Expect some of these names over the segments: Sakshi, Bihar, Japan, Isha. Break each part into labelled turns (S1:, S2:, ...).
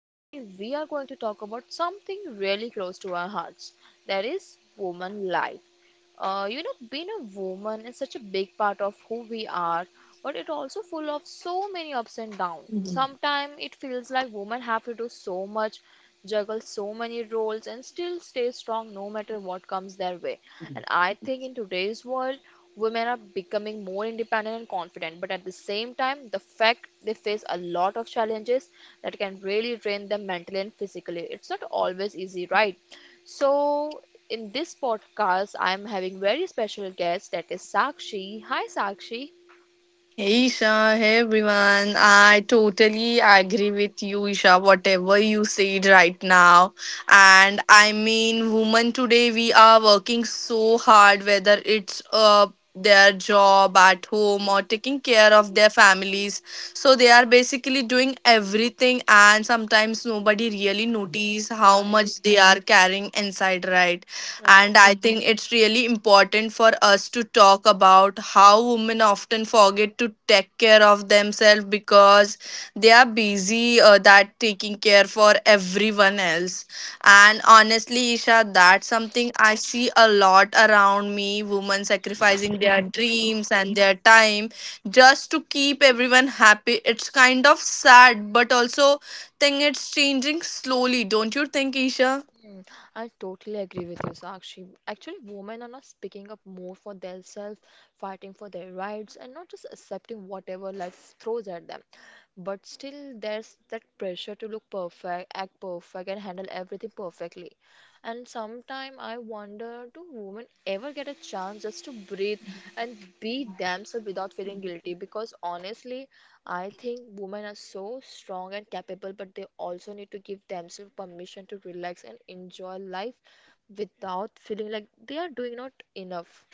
S1: Today, we are going to talk about something really close to our hearts that is, woman life. Being a woman is such a big part of who we are, but it also full of so many ups and downs. Sometimes it feels like women have to do so much, juggle so many roles, and still stay strong no matter what comes their way. And I think in today's world, women are becoming more independent and confident, but at the same time, the fact they face a lot of challenges that can really drain them mentally and physically. It's not always easy, right? So, in this podcast, I'm having very special guest that is Sakshi. Hi, Sakshi.
S2: Hey Isha, hey everyone. I totally agree with you, Isha, whatever you said right now. And I mean, women today, we are working so hard, whether it's their job at home or taking care of their families. So they are basically doing everything, and sometimes nobody really notice how
S1: Right.
S2: much they are carrying inside, right?
S1: Right.
S2: and I think Okay. It's really important for us to talk about how women often forget to take care of themselves because they are busy that taking care for everyone else. And honestly, Isha, that's something I see a lot around me, women sacrificing their dreams and their time just to keep everyone happy. It's kind of sad, but also think it's changing slowly, don't you think, Isha?
S1: Mm, I totally agree with you, Sakshi. Actually, women are not speaking up more for themselves, fighting for their rights, and not just accepting whatever life throws at them. But still, there's that pressure to look perfect, act perfect, and handle everything perfectly. And sometimes I wonder, do women ever get a chance just to breathe and be themselves without feeling guilty? Because honestly, I think women are so strong and capable, but they also need to give themselves permission to relax and enjoy life without feeling like they are doing not enough.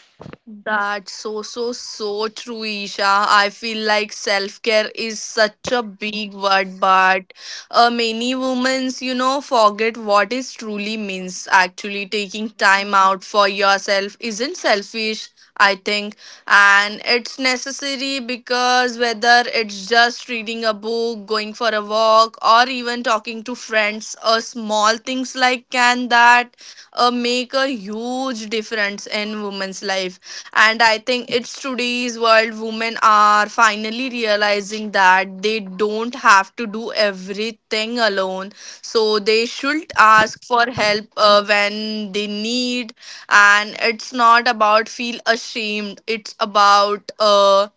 S2: That's so, so, so true, Isha. I feel like self care is such a big word, but many women, you know, forget what it truly means. Actually, taking time out for yourself isn't selfish, I think, and it's necessary, because whether it's just reading a book, going for a walk, or even talking to friends, small things like can that make a huge difference in women's life. And I think it's today's world, women are finally realizing that they don't have to do everything alone. So they should ask for help when they need. And it's not about feel ashamed. It's about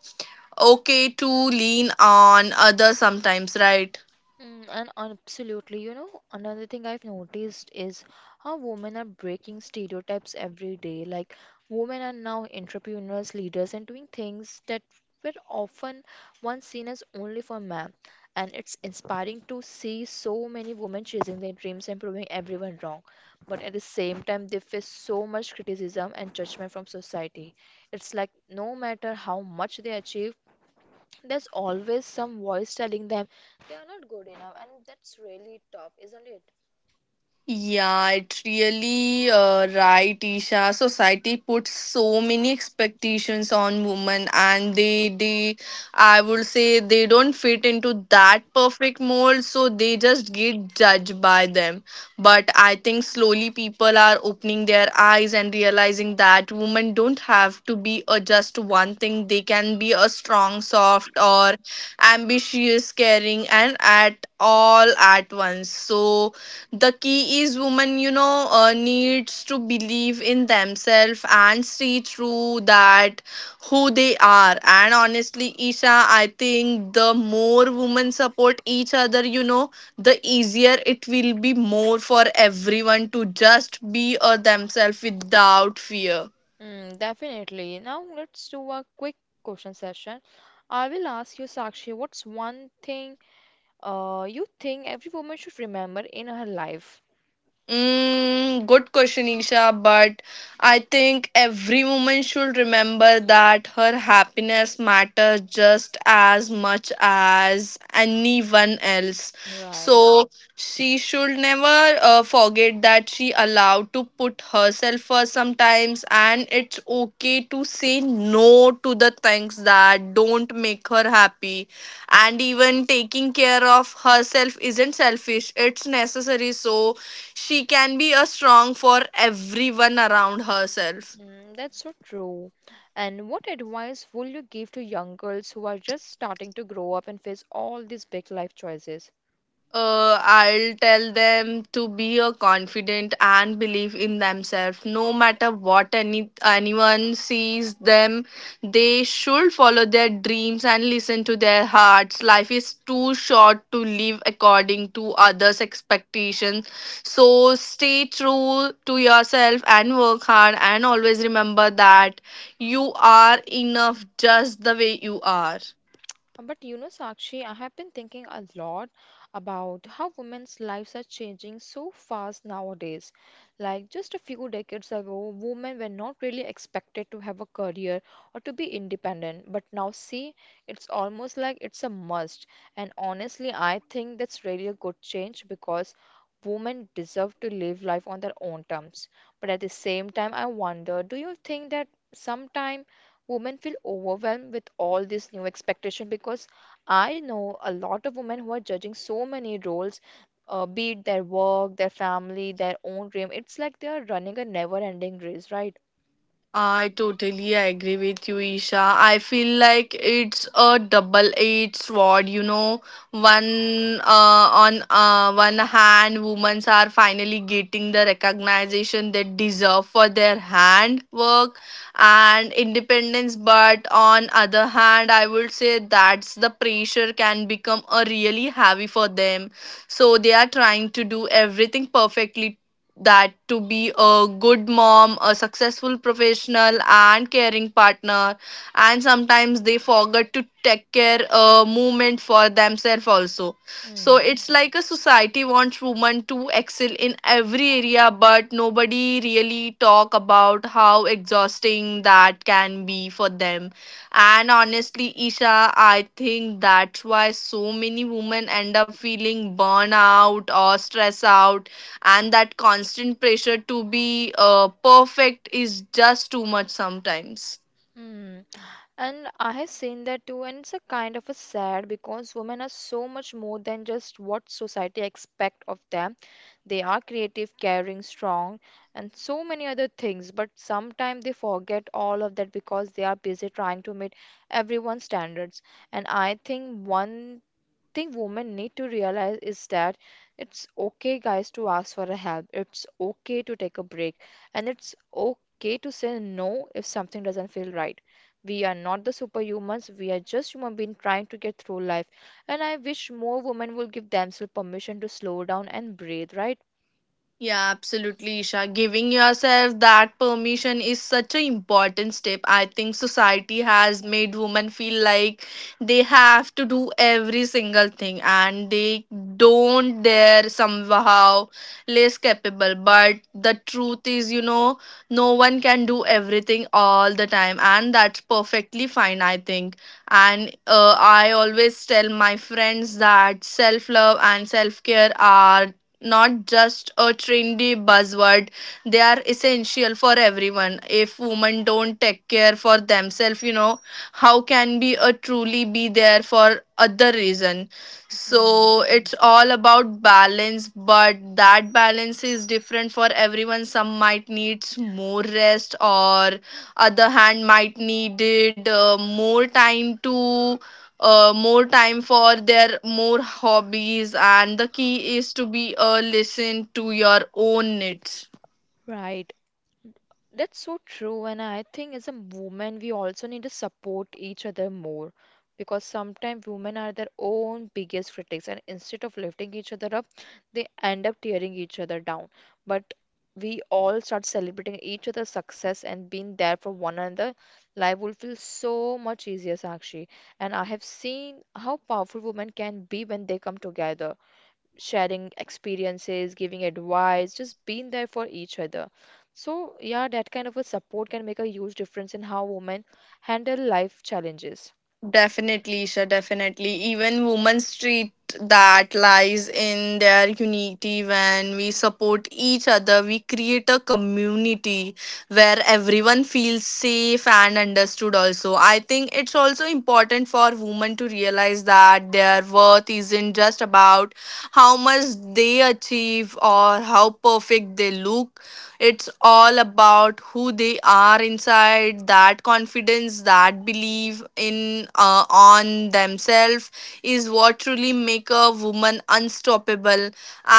S2: okay to lean on others sometimes, right?
S1: Mm, and absolutely, you know, Another thing I've noticed is how women are breaking stereotypes every day. Like, women are now entrepreneurs, leaders, and doing things that were often once seen as only for men. And it's inspiring to see so many women chasing their dreams and proving everyone wrong. But at the same time, they face so much criticism and judgment from society. It's like no matter how much they achieve, there's always some voice telling them they are not good enough, and that's really tough, isn't it?
S2: Yeah, it really right, Isha. Society puts so many expectations on women, and they I would say they don't fit into that perfect mold, so they just get judged by them. But I think slowly people are opening their eyes and realizing that women don't have to be a just one thing. They can be a strong, soft, or ambitious, caring, and at all at once. So the key is women, you know, needs to believe in themselves and see through that who they are. And honestly, Isha, I think the more women support each other, you know, the easier it will be more for everyone to just be themselves without fear.
S1: Mm, definitely. Now let's do a quick question session. I will ask you, Sakshi, what's one thing you think every woman should remember in her life?
S2: Mm, good question, Isha. But I think every woman should remember that her happiness matters just as much as anyone else.
S1: Right.
S2: So she should never forget that she allowed to put herself first sometimes, and it's okay to say no to the things that don't make her happy. And even taking care of herself isn't selfish; it's necessary. So she can be a strong for everyone around herself.
S1: Mm, that's so true. And what advice would you give to young girls who are just starting to grow up and face all these big life choices?
S2: I'll tell them to be a confident and believe in themselves. No matter what anyone sees them, they should follow their dreams and listen to their hearts. Life is too short to live according to others' expectations. So stay true to yourself and work hard. And always remember that you are enough just the way you are.
S1: But you know, Sakshi, I have been thinking a lot about how women's lives are changing so fast nowadays. Like just a few decades ago, women were not really expected to have a career or to be independent. But now, see, it's almost like it's a must. And honestly, I think that's really a good change because women deserve to live life on their own terms. But at the same time, I wonder, do you think that sometime women feel overwhelmed with all this new expectation because I know a lot of women who are judging so many roles, be it their work, their family, their own dream. It's like they are running a never-ending race, right?
S2: I totally agree with you, Isha. I feel like it's a double-edged sword. You know, one on one hand, women are finally getting the recognition they deserve for their handwork and independence. But on other hand, I would say that's the pressure can become a really heavy for them. So they are trying to do everything perfectly, that to be a good mom, a successful professional, and caring partner, and sometimes they forget to take care a moment for themselves also. So
S1: Hmm.
S2: it's like a society wants women to excel in every area, but nobody really talk about how exhausting that can be for them. And honestly, Isha, I think that's why so many women end up feeling burnout or stress out, and that constant pressure to be perfect is just too much sometimes.
S1: Hmm. And I have seen that too, and it's a kind of a sad because women are so much more than just what society expect of them. They are creative, caring, strong, and so many other things, but sometimes they forget all of that because they are busy trying to meet everyone's standards. And I think one thing women need to realize is that it's okay, guys, to ask for a help. It's okay to take a break. And it's okay to say no if something doesn't feel right. We are not the superhumans. We are just human beings trying to get through life. And I wish more women would give themselves permission to slow down and breathe, right?
S2: Yeah, absolutely, Isha. Giving yourself that permission is such an important step. I think society has made women feel like they have to do every single thing and they don't dare somehow less capable. But the truth is, you know, no one can do everything all the time, and that's perfectly fine, I think. And I always tell my friends that self love and self care are not just a trendy buzzword, they are essential for everyone. If women don't take care for themselves, you know, how can be a truly be there for other reason?
S1: Mm.
S2: So it's all about balance, but that balance is different for everyone. Some might need more rest, or other hand might needed more time for their more hobbies, and the key is to be a listen to your own needs.
S1: Right. That's so true, and I think as a woman, we also need to support each other more because sometimes women are their own biggest critics, and instead of lifting each other up, they end up tearing each other down. But we all start celebrating each other's success and being there for one another, life will feel so much easier, Sakshi. And I have seen how powerful women can be when they come together sharing experiences, giving advice, just being there for each other. So, yeah, that kind of a support can make a huge difference in how women handle life challenges.
S2: Definitely, Isha, definitely. Even women treat that lies in their unity. When we support each other, we create a community where everyone feels safe and understood, also. I think it's also important for women to realize that their worth isn't just about how much they achieve or how perfect they look. It's all about who they are inside, that confidence, that belief in on themselves is what truly make a woman unstoppable.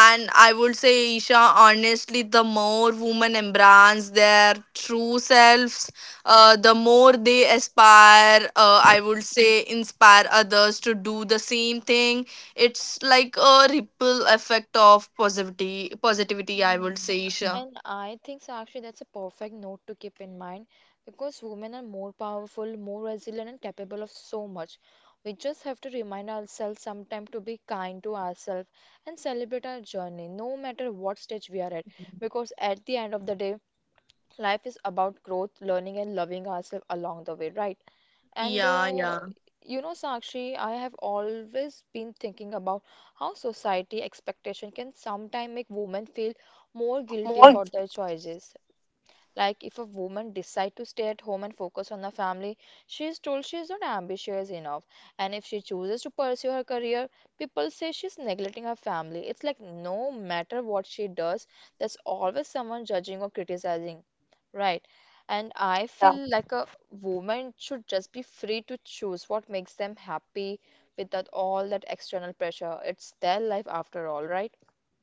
S2: And I would say, Isha, honestly, the more women embrace their true selves, the more they aspire I would say inspire others to do the same thing. It's like a ripple effect of positivity, I would
S1: Hmm.
S2: say, Isha.
S1: And I think so actually that's a perfect note to keep in mind because women are more powerful, more resilient, and capable of so much. We just have to remind ourselves sometime to be kind to ourselves and celebrate our journey, no matter what stage we are at. Because at the end of the day, life is about growth, learning, and loving ourselves along the way, right? And
S2: Yeah, yeah.
S1: You know, Sakshi, I have always been thinking about how society expectation can sometimes make women feel more guilty
S2: More.
S1: about their choices. Like if a woman decide to stay at home and focus on the family, she is told she is not ambitious enough. And if she chooses to pursue her career, people say she's neglecting her family. It's like no matter what she does, there's always someone judging or criticizing. Right. And I feel like a woman should just be free to choose what makes them happy without all that external pressure. It's their life after all, right?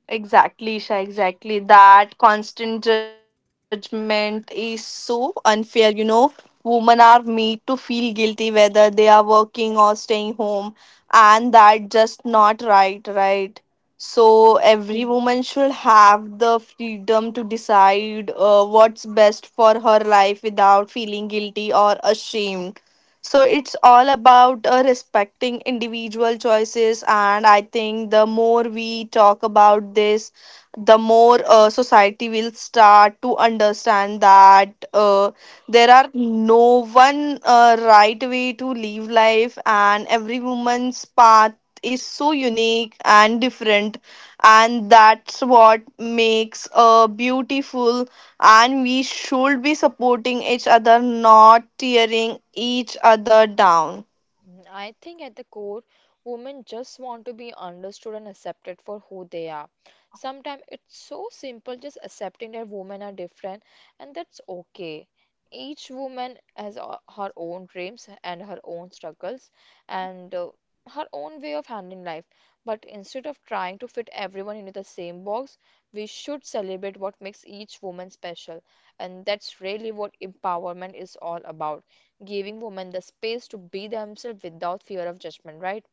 S2: Exactly, Isha, exactly. That constant judgment is so unfair, you know. Women are made to feel guilty whether they are working or staying home, and that just not right, right? So every woman should have the freedom to decide what's best for her life without feeling guilty or ashamed. So it's all about respecting individual choices, and I think the more we talk about this, the more society will start to understand that there are no one right way to live life, and every woman's path is so unique and different, and that's what makes a beautiful. And we should be supporting each other, not tearing each other down.
S1: Mm, I think at the core, women just want to be understood and accepted for who they are. Sometimes it's so simple just accepting that women are different and that's okay. Each woman has her own dreams and her own struggles and her own way of handling life. But instead of trying to fit everyone into the same box, we should celebrate what makes each woman special. And that's really what empowerment is all about giving women the space to be themselves without fear of judgment, right?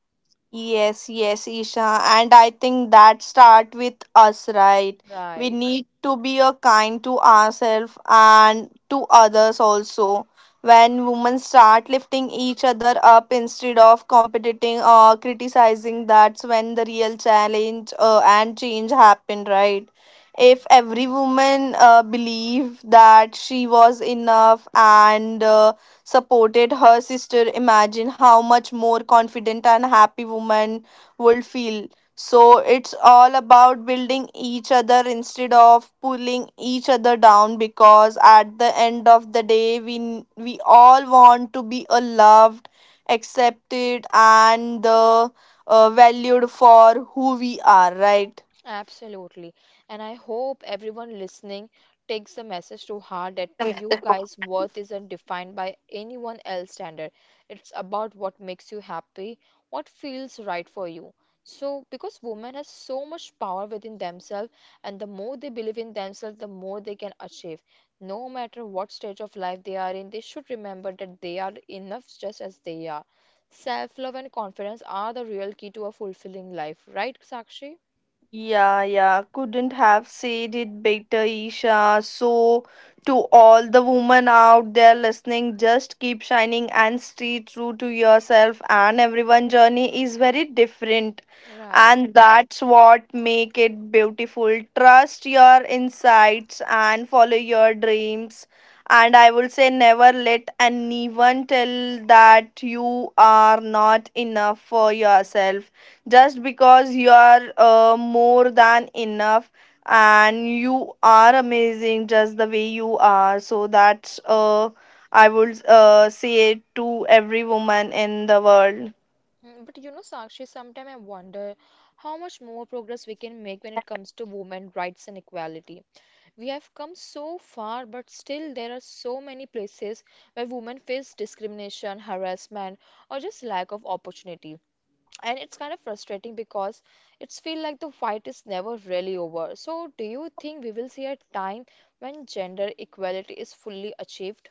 S2: Yes, yes, Isha. And I think that start with us, right? We
S1: Right.
S2: need to be a kind to ourselves and to others also. When women start lifting each other up instead of competing or criticizing, that's when the real challenge and change happen, right? If every woman believed that she was enough and supported her sister, imagine how much more confident and happy woman would feel. So it's all about building each other instead of pulling each other down, because at the end of the day, we all want to be loved, accepted and valued for who we are, right?
S1: Absolutely. And I hope everyone listening takes the message to heart that you guys' worth isn't defined by anyone else's standard. It's about what makes you happy, what feels right for you. So, because women have so much power within themselves, and the more they believe in themselves, the more they can achieve. No matter what stage of life they are in, they should remember that they are enough just as they are. Self-love and confidence are the real key to a fulfilling life, right, Sakshi?
S2: Yeah, yeah, couldn't have said it better, Isha. So, to all the women out there listening, just keep shining and stay true to yourself. And everyone's journey is very different,
S1: Right.
S2: and that's what make it beautiful. Trust your insights and follow your dreams. And I will say, never let anyone tell that you are not enough for yourself, just because you are more than enough and you are amazing just the way you are. So that's I would say it to every woman in the world.
S1: But you know, Sakshi, sometimes I wonder how much more progress we can make when it comes to women rights and equality. We have come so far, but still there are so many places where women face discrimination, harassment, or just lack of opportunity. And it's kind of frustrating because it's feel like the fight is never really over. So, do you think we will see a time when gender equality is fully achieved?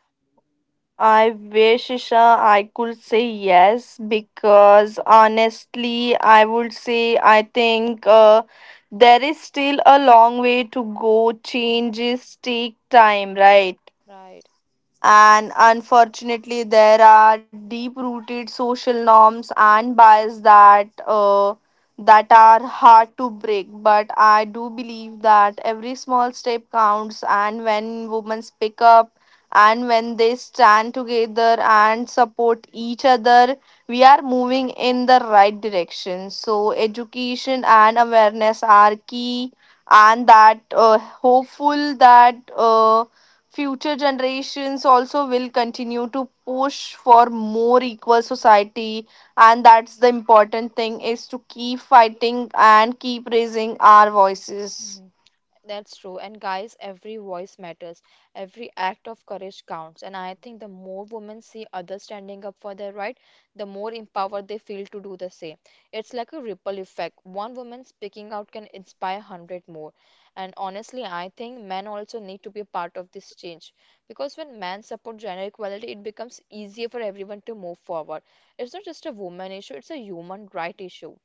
S2: I wish, Isha, I could say yes, because honestly, I would say I think there is still a long way to go. Changes take time, right?
S1: Right.
S2: And unfortunately, there are deep rooted social norms and bias that are hard to break. But I do believe that every small step counts, and when women speak up and when they stand together and support each other, we are moving in the right direction. So, education and awareness are key, and that hopeful that. Future generations also will continue to push for more equal society, and that's the important thing is to keep fighting and keep raising our voices.
S1: That's true. And guys, every voice matters. Every act of courage counts. And I think the more women see others standing up for their right, the more empowered they feel to do the same. It's like a ripple effect. One woman speaking out can inspire 100 more. And honestly, I think men also need to be a part of this change. Because when men support gender equality, it becomes easier for everyone to move forward. It's not just a woman issue, it's a human right issue.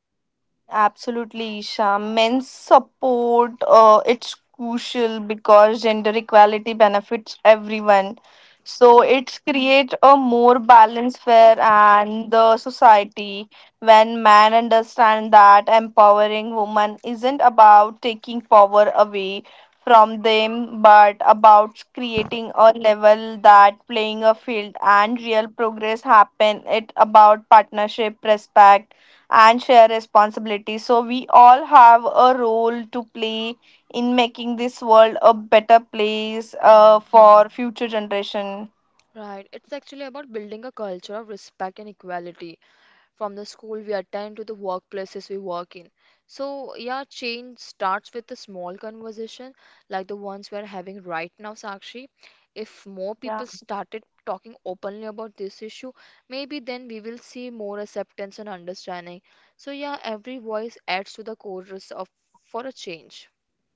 S2: Absolutely, Isha. Men's support, it's crucial because gender equality benefits everyone. So it's create a more balanced fair and the society. When men understand that empowering women isn't about taking power away from them, but about creating a level that playing a field, and real progress happen. It about partnership, respect and share responsibility. So, we all have a role to play in making this world a better place
S1: Mm.
S2: for future generation.
S1: Right, it's actually about building a culture of respect and equality from the school we attend to the workplaces we work in. So, yeah, change starts with a small conversation like the ones we're having right now, Sakshi. If more people started talking openly about this issue, maybe then we will see more acceptance and understanding. So, yeah, every voice adds to the chorus of for a change.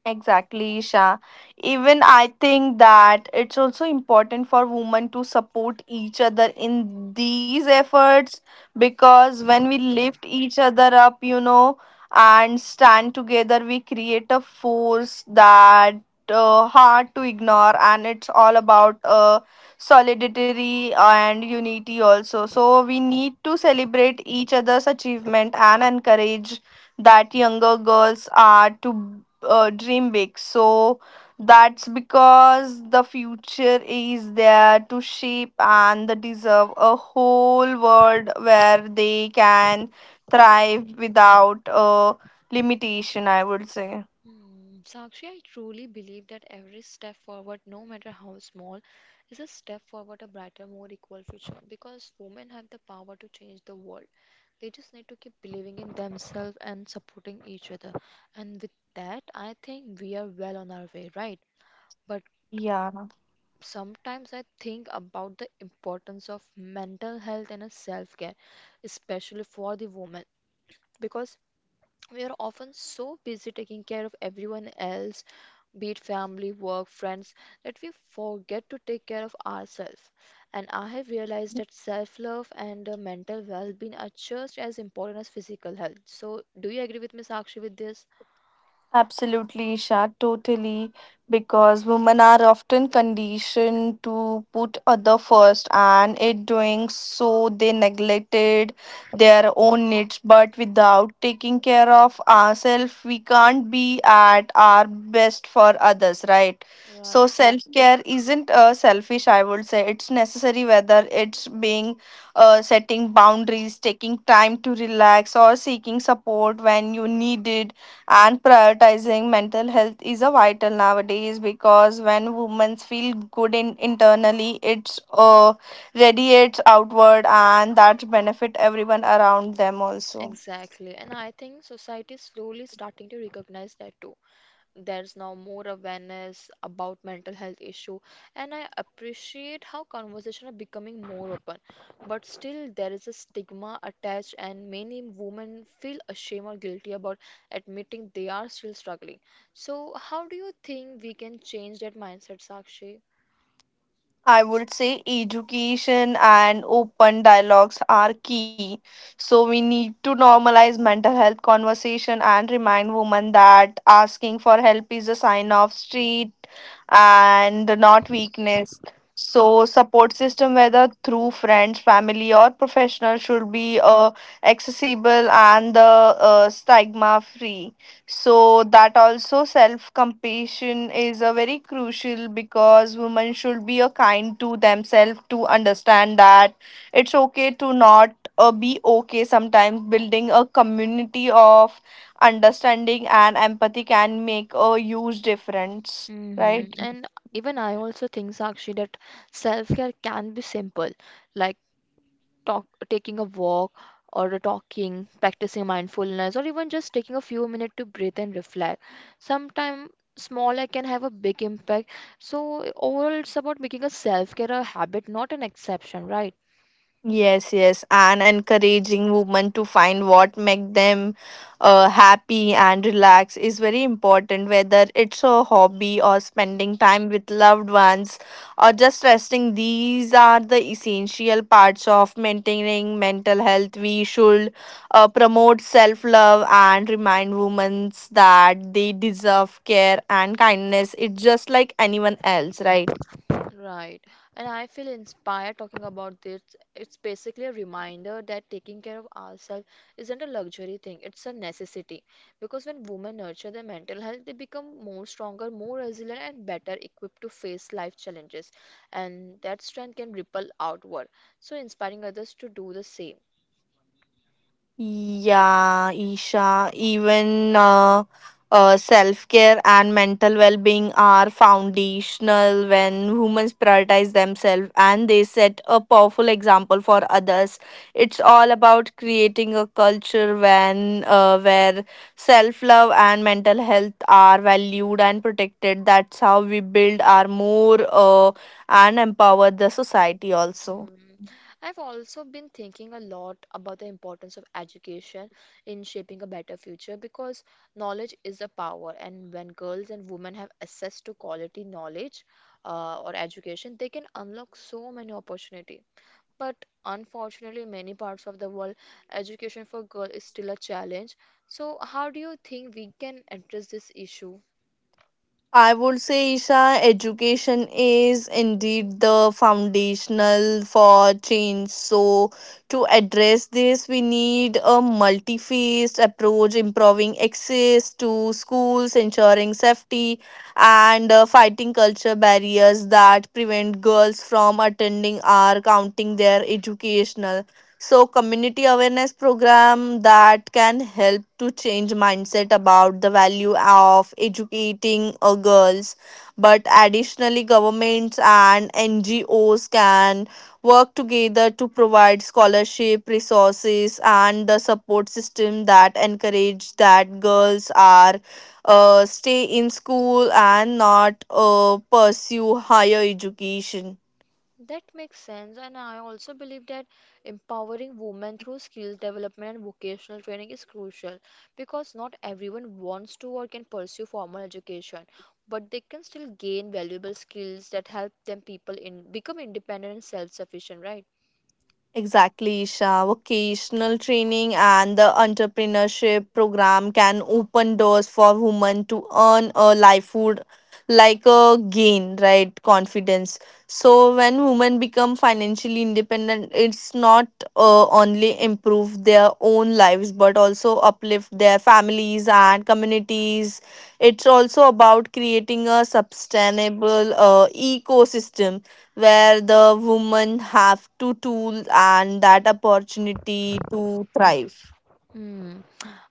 S2: Exactly, Isha. Even I think that it's also important for women to support each other in these efforts, because when we lift each other up, you know, and stand together, we create a force that hard to ignore, and it's all about solidarity and unity also. So we need to celebrate each other's achievement and encourage that younger girls are to dream big. So that's because the future is there to shape and they deserve a whole world where they can thrive without a limitation, I would say.
S1: Hmm, Sakshi, I truly believe that every step forward, no matter how small, is a step forward, a brighter, more equal future. Because women have the power to change the world. They just need to keep believing in themselves and supporting each other. And with that, I think we are well on our way, right? But
S2: Yeah.
S1: sometimes I think about the importance of mental health and self care, especially for the woman. Because we are often so busy taking care of everyone else, be it family, work, friends, that we forget to take care of ourselves. And I have realized that self love and mental well being are just as important as physical health. So, do you agree with me, Sakshi, with this?
S2: Absolutely, Shah. Totally. Because women are often conditioned to put other first, and in doing so, they neglected their own needs. But without taking care of ourselves, we can't be at our best for others, right? So
S1: Right.
S2: self care isn't selfish, I would say. It's necessary, whether it's being setting boundaries, taking time to relax, or seeking support when you need it, and prioritizing mental health is a vital nowadays, because when women feel good in internally it's radiates outward and that benefit everyone around them also.
S1: Exactly. And I think society is slowly starting to recognize that too. There's now more awareness about mental health issue, and I appreciate how conversation are becoming more open. But still there is a stigma attached and many women feel ashamed or guilty about admitting they are still struggling. So how do you think we can change that mindset, Sakshi?
S2: I would say education and open dialogues are key. So we need to normalize mental health conversation and remind women that asking for help is a sign of strength and not weakness. So support system, whether through friends, family or professional, should be accessible and the stigma free. So that also self compassion is a very crucial, because women should be a kind to themselves, to understand that it's okay to not be okay sometimes. Building a community of understanding and empathy can make a huge difference,
S1: Mm-hmm.
S2: right?
S1: And even I also think, Sakshi, that self care can be simple, like taking a walk or practicing mindfulness, or even just taking a few minutes to breathe and reflect. Sometimes small act can have a big impact. So overall, it's about making a self-care a habit, not an exception, right?
S2: Yes, yes, and encouraging women to find what make them happy and relax is very important. Whether it's a hobby or spending time with loved ones or just resting, these are the essential parts of maintaining mental health. We should promote self love and remind women that they deserve care and kindness. It's just like anyone else, right?
S1: Right. And I feel inspired talking about this. It's basically a reminder that taking care of ourselves isn't a luxury thing, it's a necessity. Because when women nurture their mental health, they become more stronger, more resilient, and better equipped to face life challenges. And that strength can ripple outward. So, inspiring others to do the same.
S2: Yeah, Isha, even self care and mental well being are foundational. When humans prioritize themselves, and they set a powerful example for others. It's all about creating a culture when where self love and mental health are valued and protected. That's how we build our more and empower the society also.
S1: Mm. I've also been thinking a lot about the importance of education in shaping a better future because knowledge is a power, and when girls and women have access to quality knowledge or education, they can unlock so many opportunity. But unfortunately, in many parts of the world, education for girls is still a challenge. So, how do you think we can address this issue?
S2: I would say, Isha, education is indeed the foundational for change. So to address this, we need a multi faced approach, improving access to schools, ensuring safety, and fighting culture barriers that prevent girls from attending or counting their educational. So community awareness program that can help to change mindset about the value of educating girls. But additionally, governments and NGOs can work together to provide scholarship resources and the support system that encourage that girls are stay in school and not pursue higher education.
S1: That makes sense, and I also believe that empowering women through skills development and vocational training is crucial because not everyone wants to or can pursue formal education, but they can still gain valuable skills that help them people in become independent and self-sufficient, right?
S2: Exactly, Isha. Vocational training and the entrepreneurship program can open doors for women to earn a livelihood, like a gain, right? Confidence. So when women become financially independent, it's not only improve their own lives but also uplift their families and communities. It's also about creating a sustainable ecosystem where the women have to tool and that opportunity to thrive.
S1: Hmm.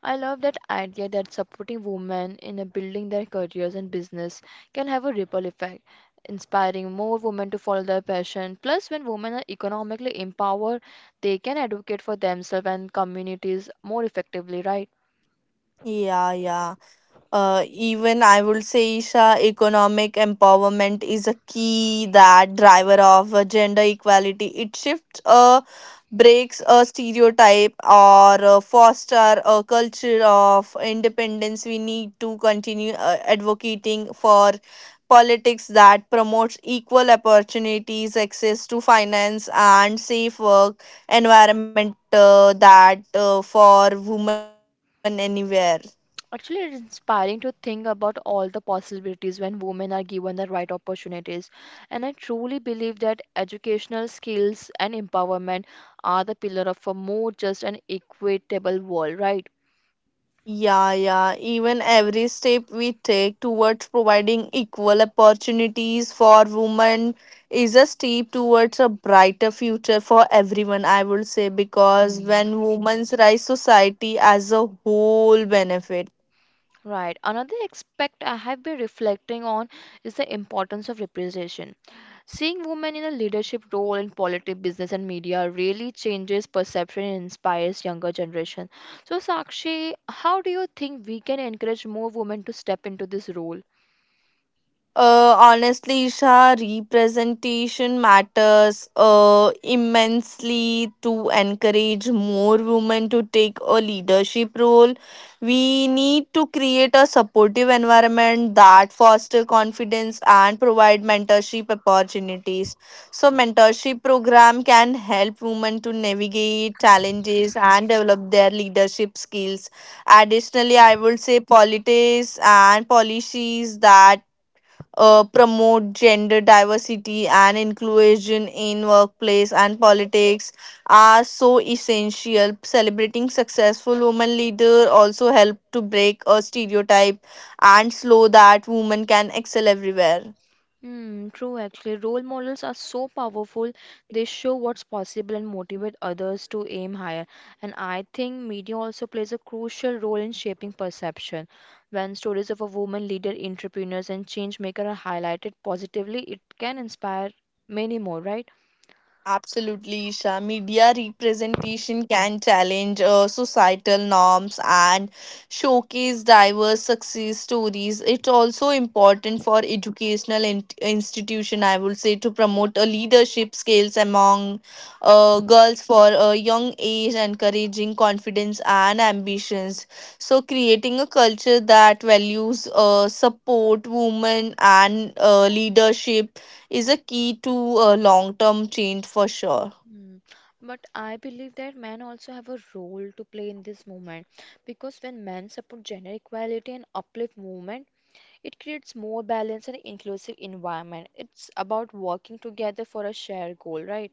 S1: I love that idea that supporting women in a building their careers and business can have a ripple effect, inspiring more women to follow their passion. Plus, when women are economically empowered, they can advocate for themselves and communities more effectively, right?
S2: Yeah, yeah. Even I would say, Isha, economic empowerment is a key that driver of gender equality. It shifts, breaks a stereotype, or foster a culture of independence. We need to continue advocating for politics that promotes equal opportunities, access to finance, and safe work environment that for women anywhere.
S1: Actually, it's inspiring to think about all the possibilities when women are given the right opportunities. And I truly believe that educational skills and empowerment are the pillar of a more just and equitable world, right?
S2: Yeah, yeah. Even every step we take towards providing equal opportunities for women is a step towards a brighter future for everyone, I would say, because
S1: Hmm.
S2: when women's rise, society as a whole benefit.
S1: Right. Another aspect I have been reflecting on is the importance of representation. Seeing women in a leadership role in politics, business, and media really changes perception and inspires younger generation. So, Sakshi, how do you think we can encourage more women to step into this role?
S2: Honestly, Isha, representation matters immensely. To encourage more women to take a leadership role, we need to create a supportive environment that foster confidence and provide mentorship opportunities. So mentorship program can help women to navigate challenges and develop their leadership skills. Additionally, I would say politics and policies that promote gender diversity and inclusion in workplace and politics are so essential. Celebrating successful women leader also help to break a stereotype and slow that women can excel everywhere.
S1: Hmm, true actually. Role models are so powerful. They show what's possible and motivate others to aim higher. And I think media also plays a crucial role in shaping perception. When stories of a woman leader, entrepreneurs, and change maker are highlighted positively, it can inspire many more, right?
S2: Absolutely, Isha. Media representation can challenge societal norms and showcase diverse success stories. It's also important for educational institution, I would say, to promote a leadership skills among girls for a young age, encouraging confidence and ambitions. So creating a culture that values support women and leadership is a key to a long term change for sure.
S1: Hmm. But I believe that men also have a role to play in this movement because when men support gender equality and uplift movement, it creates more balanced and inclusive environment. It's about working together for a shared goal, right?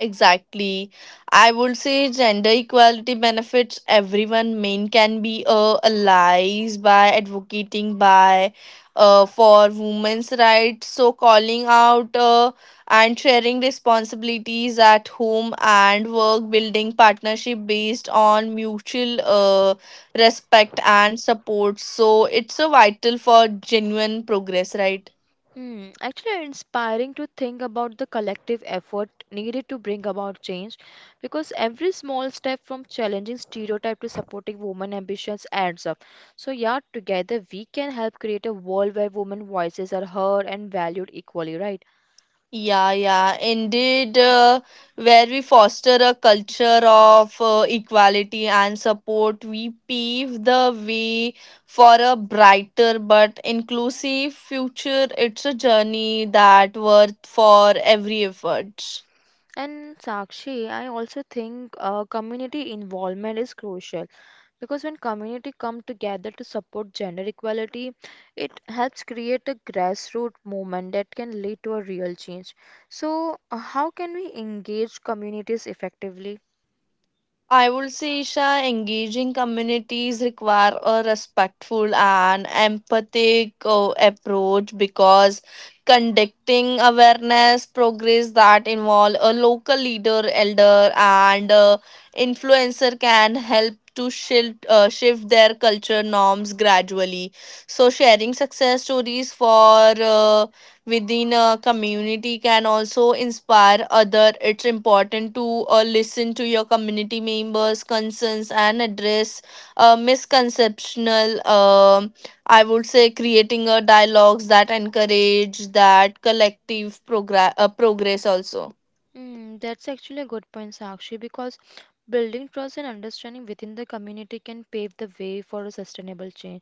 S2: Exactly. I would say gender equality benefits everyone. Men can be allies by advocating by for women's rights. So calling out and sharing responsibilities at home and work, building partnership based on mutual respect and support. So it's a vital for genuine progress, right?
S1: Hmm, actually inspiring to think about the collective effort needed to bring about change because every small step from challenging stereotype to supporting women ambitions adds up. So yeah, together we can help create a world where women voices are heard and valued equally, right?
S2: Yeah, yeah, indeed, where we foster a culture of equality and support, we pave the way for a brighter but inclusive future. It's a journey that worth for every effort.
S1: And Sakshi, I also think community involvement is crucial. Because when community come together to support gender equality, it helps create a grassroots movement that can lead to a real change. So, how can we engage communities effectively?
S2: I would say, Isha, engaging communities require a respectful and empathic approach, because conducting awareness progress that involve a local leader, elder, and influencer can help to shift their culture norms gradually. So sharing success stories for within a community can also inspire other. It's important to listen to your community members concerns and address misconceptional. um I would say creating a dialogues that encourage that collective progress also.
S1: Mm, that's actually a good point, Sakshi, because building trust and understanding within the community can pave the way for a sustainable change.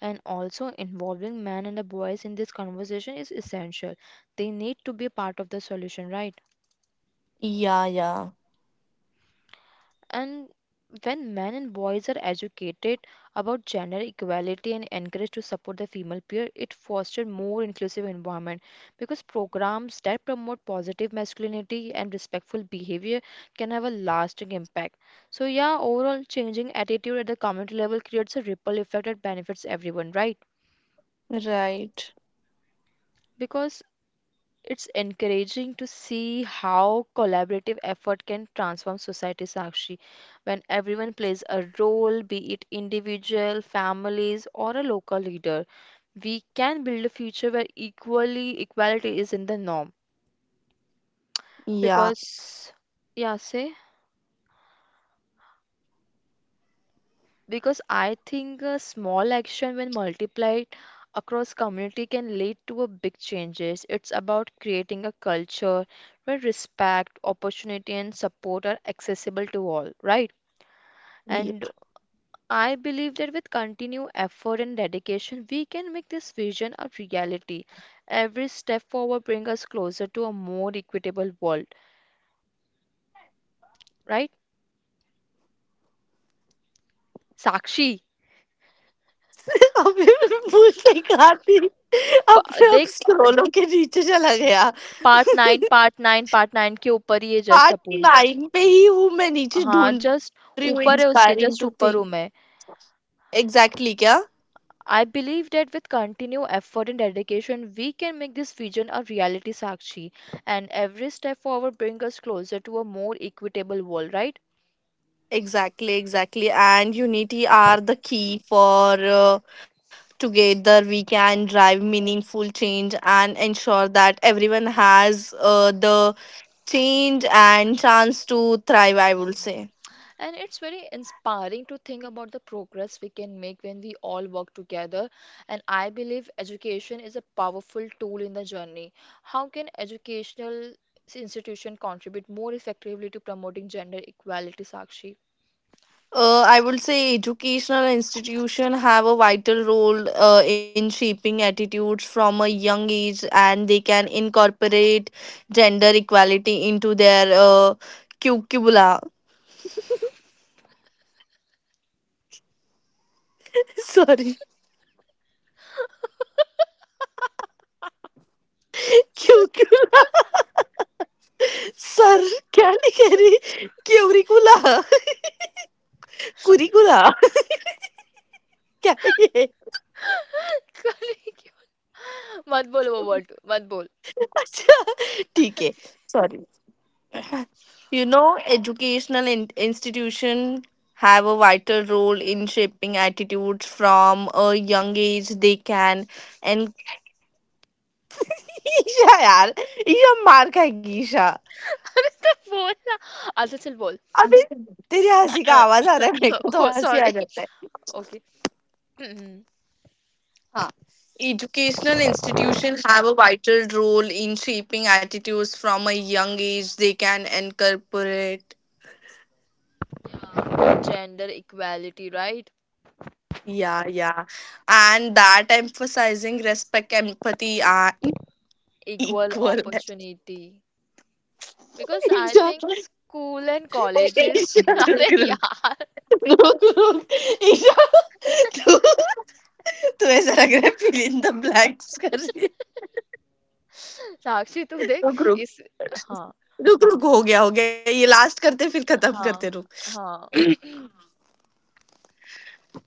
S1: And also involving men and the boys in this conversation is essential. They need to be a part of the solution, right?
S2: Yeah, yeah.
S1: And when men and boys are educated about gender equality and encouraged to support the female peer, it fosters more inclusive environment because programs that promote positive masculinity and respectful behavior can have a lasting impact. So yeah, overall changing attitude at the community level creates a ripple effect that benefits everyone, right?
S2: Right.
S1: Because it's encouraging to see how collaborative effort can transform society, Sakshi, when everyone plays a role, be it individual, families, or a local leader. We can build a future where equally equality is in the norm.
S2: Yeah,
S1: Because, yeah, say. Because I think a small action, when multiplied across community, can lead to a big changes. It's about creating a culture where respect, opportunity, and support are accessible to all, right?
S2: yeah।
S1: And I believe that with continued effort and dedication, we can make this vision a reality. Every step forward brings us closer to a more equitable world, right? Sakshi,
S2: अभी भूल के खाती अपने आप
S1: देख
S2: स्क्रोलों के नीचे चला गया
S1: part 9 के ऊपर ही है जस्ट
S2: पार्ट
S1: अपुन
S2: नाइन पे ही हूँ मैं नीचे
S1: हाँ
S2: ढूंढ रही हूँ
S1: जस्ट ऊपर
S2: इंस्पायरिंग
S1: है
S2: टू
S1: उसके
S2: थिंक
S1: जस्ट ऊपर हूँ मैं.
S2: एग्जैक्टली क्या
S1: I believe that with continued effort and dedication we can make this vision a reality, Sakshi. And every step forward brings us closer to a more equitable world, right?
S2: Exactly exactly and unity are the key for together we can drive meaningful change and ensure that everyone has the change and chance to thrive I would say.
S1: And it's very inspiring to think about the progress we can make when we all work together, and I believe education is a powerful tool in the journey. How can educational institution contribute more effectively to promoting gender equality, Sakshi?
S2: I would say educational institution have a vital role in shaping attitudes from a young age, and they can incorporate gender equality into their curricula. Sorry, curricula. Sir, क्या लिख रही? Curricula, curricula. क्या है? ये?
S1: Colleague. मत बोल वो word मत बोल.
S2: अच्छा, ठीक है you know educational institution have a vital role in shaping attitudes from a young age, they can and Isha यार ईशा मार खाएगी ईशा
S1: अरे तो बोल ना. अच्छा चल बोल.
S2: अभी तेरे हंसी का आवाज आ रहा है मेरे को।
S1: Oh sorry. ओके.
S2: हाँ। Educational institutions have a vital role in shaping attitudes from a young age. They can incorporate,
S1: gender equality right.
S2: yeah, yeah, and that emphasizing respect, empathy, and
S1: Equal
S2: equal
S1: opportunity because I
S2: Isha
S1: think school and colleges
S2: Isha रुक
S1: अरे
S2: रुक
S1: यार.
S2: रुक रुक ईशा तू ऐसा लग रहा है फिल इन द ब्लैंक्स कर रही है
S1: साक्षी तू देख
S2: रुक रुक
S1: इस. हाँ.
S2: रुक हो गया ये लास्ट करते फिर खत्म करते रुक
S1: हाँ हाँ.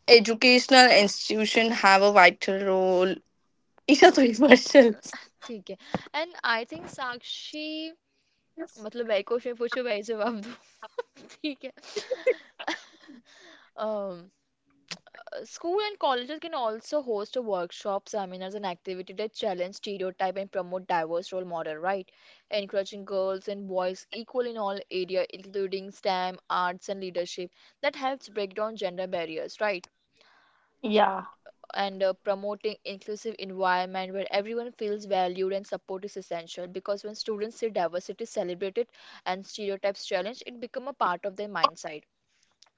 S2: Educational institution have a vital role Isha तो इमर्शियल।
S1: ठीक है. एंड आई थिंक साक्षी, मतलब मैं क्वेश्चन पूछो मैं जवाब दूँ. ठीक है. um, School and colleges can also host a workshop, seminars, and activity that challenge stereotype and promote diverse role model, right? Encouraging girls and boys equal in all area, including STEM, arts, and leadership. That helps break down gender barriers, right? And promoting inclusive environment where everyone feels valued and support is essential. Because when students see diversity celebrated and stereotypes challenged, it become a part of their mindset.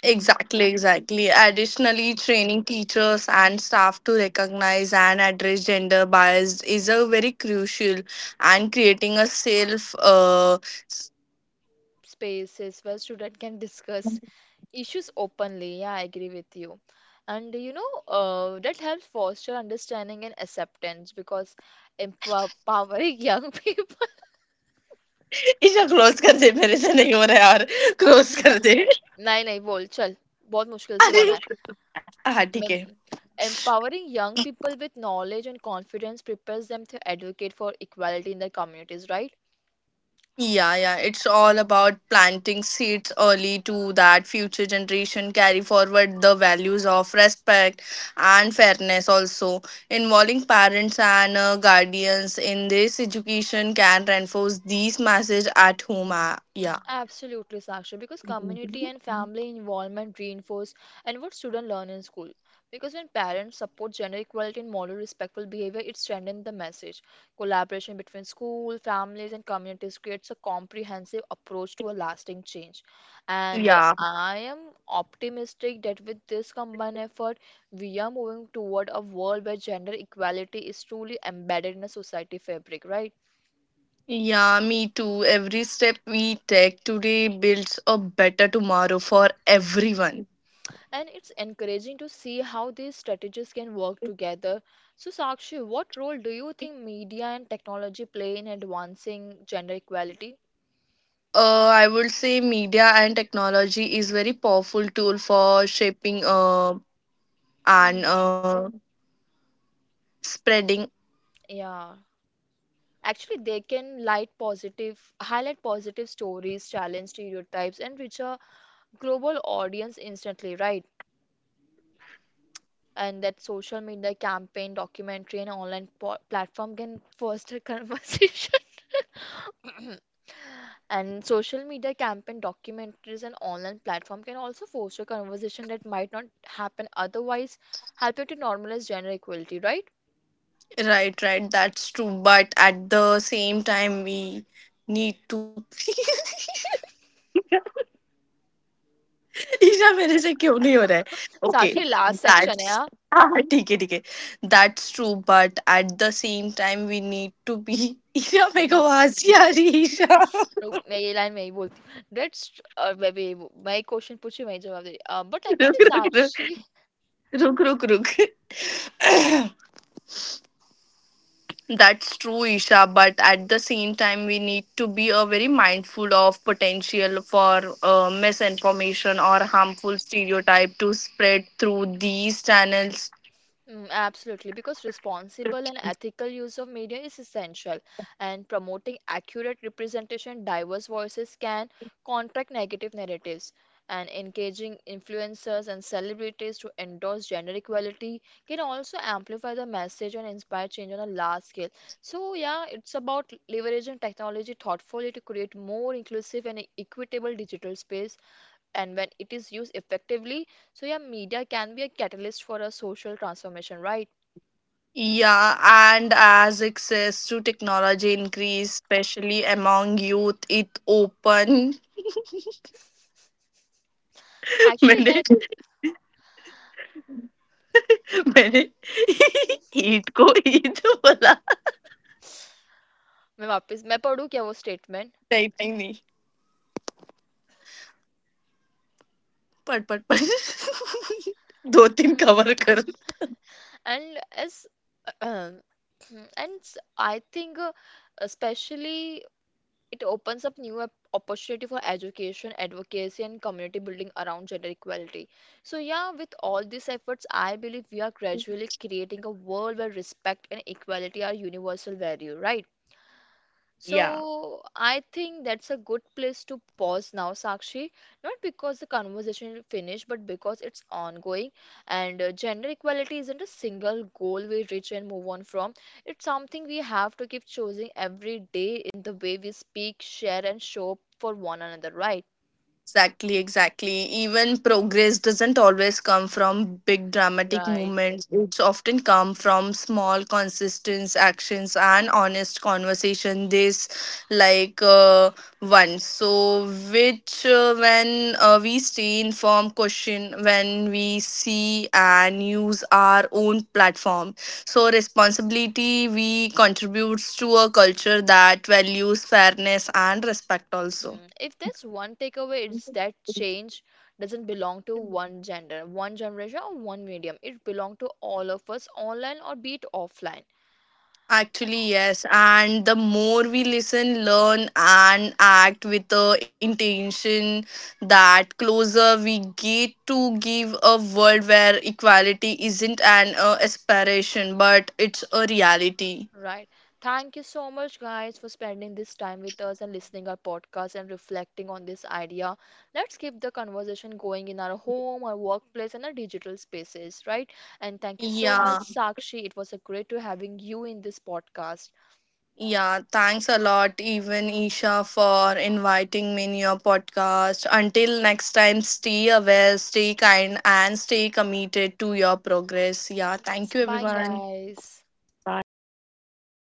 S2: Exactly, exactly. Additionally, training teachers and staff to recognize and address gender bias is a very crucial, and creating a self uh,
S1: Spaces where students can discuss issues openly. Yeah, I agree with you. And you know, that helps foster understanding and acceptance because empowering young people.
S2: Isha close कर दे मेरे से नहीं हो रहा यार close कर दे
S1: नहीं नहीं बोल चल. बहुत मुश्किल से
S2: अरे
S1: बना है.
S2: हाँ ठीक
S1: मैं
S2: है।
S1: empowering young people with knowledge and confidence prepares them to advocate for equality in their communities,
S2: Yeah, yeah, it's all about planting seeds early to that future generation carry forward the values of respect and fairness also. Involving parents and guardians in this education can reinforce these messages at home.
S1: right?
S2: Yeah.
S1: Absolutely, Saksha, because community and family involvement reinforce and what students learn in school. Because when parents support gender equality and model respectful behavior, it strengthens the message. Collaboration between school, families, and communities creates a comprehensive approach to a lasting change. And
S2: Yeah.
S1: I am optimistic that with this combined effort, we are moving toward a world where gender equality is truly embedded in a society fabric, right?
S2: Yeah, me too. Every step we take today builds a better tomorrow for
S1: Mm.
S2: everyone.
S1: And it's encouraging to see how these strategies can work together. So, Sakshi, what role do you think media and technology play in advancing gender equality?
S2: I would say media and technology is very powerful tool for shaping uh, and
S1: Hmm.
S2: uh, spreading.
S1: Yeah. Actually, they can highlight positive stories, challenge stereotypes, and reach a global audience instantly, right? And that social media campaign, documentary, and online platform can foster conversation. And social media campaign, documentaries, and online platform can also foster conversation that might not happen otherwise, helping to normalize gender equality, right?
S2: Right, right. That's true. But at the same time, we need to. Isha मेरे से क्यों नहीं हो रहा है okay
S1: Sakshi, last section है हाँ.
S2: हाँ हाँ, ठीक है that's true but at the same time we need to be Isha मेरे को हंसी आ रही है, ईशा
S1: रुक, मैं ये लाइन मैं ही बोलती हूँ. लेट्स, मैं भी मैं ही क्वेश्चन पूछी वही जवाब दे रही। अ, but
S2: Look,
S1: actually
S2: look, look,
S1: Sakshi.
S2: look. That's true, Isha. But at the same time, we need to be very mindful of potential for misinformation or harmful stereotype to spread through these channels.
S1: Mm, absolutely, because responsible and ethical use of media is essential, and promoting accurate representation, diverse voices can contract negative narratives, and engaging influencers and celebrities to endorse gender equality can also amplify the message and inspire change on a large scale. So, yeah, it's about leveraging technology thoughtfully to create more inclusive and equitable digital space, and when it is used effectively, so yeah, media can be a catalyst for a social transformation, right?
S2: Yeah, and as access to technology increase, especially among youth, it open.
S1: Actually
S2: मैंने
S1: that.
S2: मैंने ईट को ईट बोला
S1: मैं वापस मैं पढ़ूँ क्या वो statement.
S2: नहीं पट पट पट दो तीन
S1: Hmm.
S2: कवर कर।
S1: And as mm, and I think especially it opens up new opportunity for education, advocacy, and community building around gender equality. So yeah, with all these efforts, I believe we are gradually creating a world where respect and equality are universal value, right? So I think that's a good place to pause now, Sakshi. Not because the conversation is finished, but because it's ongoing. And gender equality isn't a single goal we reach and move on from. It's something we have to keep choosing every day in the way we speak, share, and show up for one another, right?
S2: Exactly, exactly. Even progress doesn't always come from big dramatic
S1: Right.
S2: movements. It's often come from small, consistent actions and honest conversation. This, like uh, one, so which when we stay informed, question when we see and use our own platform. So responsibility we contributes to a culture that values fairness and respect also.
S1: Mm. If there's one takeaway, it's that change doesn't belong to one gender, one generation, or one medium. It belongs to all of us, online or be it offline.
S2: Actually, yes. And the more we listen, learn, and act with the intention, that closer we get to give a world where equality isn't an aspiration, but it's a reality.
S1: Right. Thank you so much, guys, for spending this time with us and listening our podcast and reflecting on this idea. Let's keep the conversation going in our home, our workplace, and our digital spaces, right? And thank you so much,
S2: Yeah,
S1: Sakshi. It was a great to having you in this podcast.
S2: yeah. Thanks a lot, even Isha, for inviting me in your podcast. Until next time, stay aware, stay kind, and stay committed to your progress. Yeah,
S1: Yes.
S2: thank you,
S1: Bye,
S2: everyone.
S1: guys.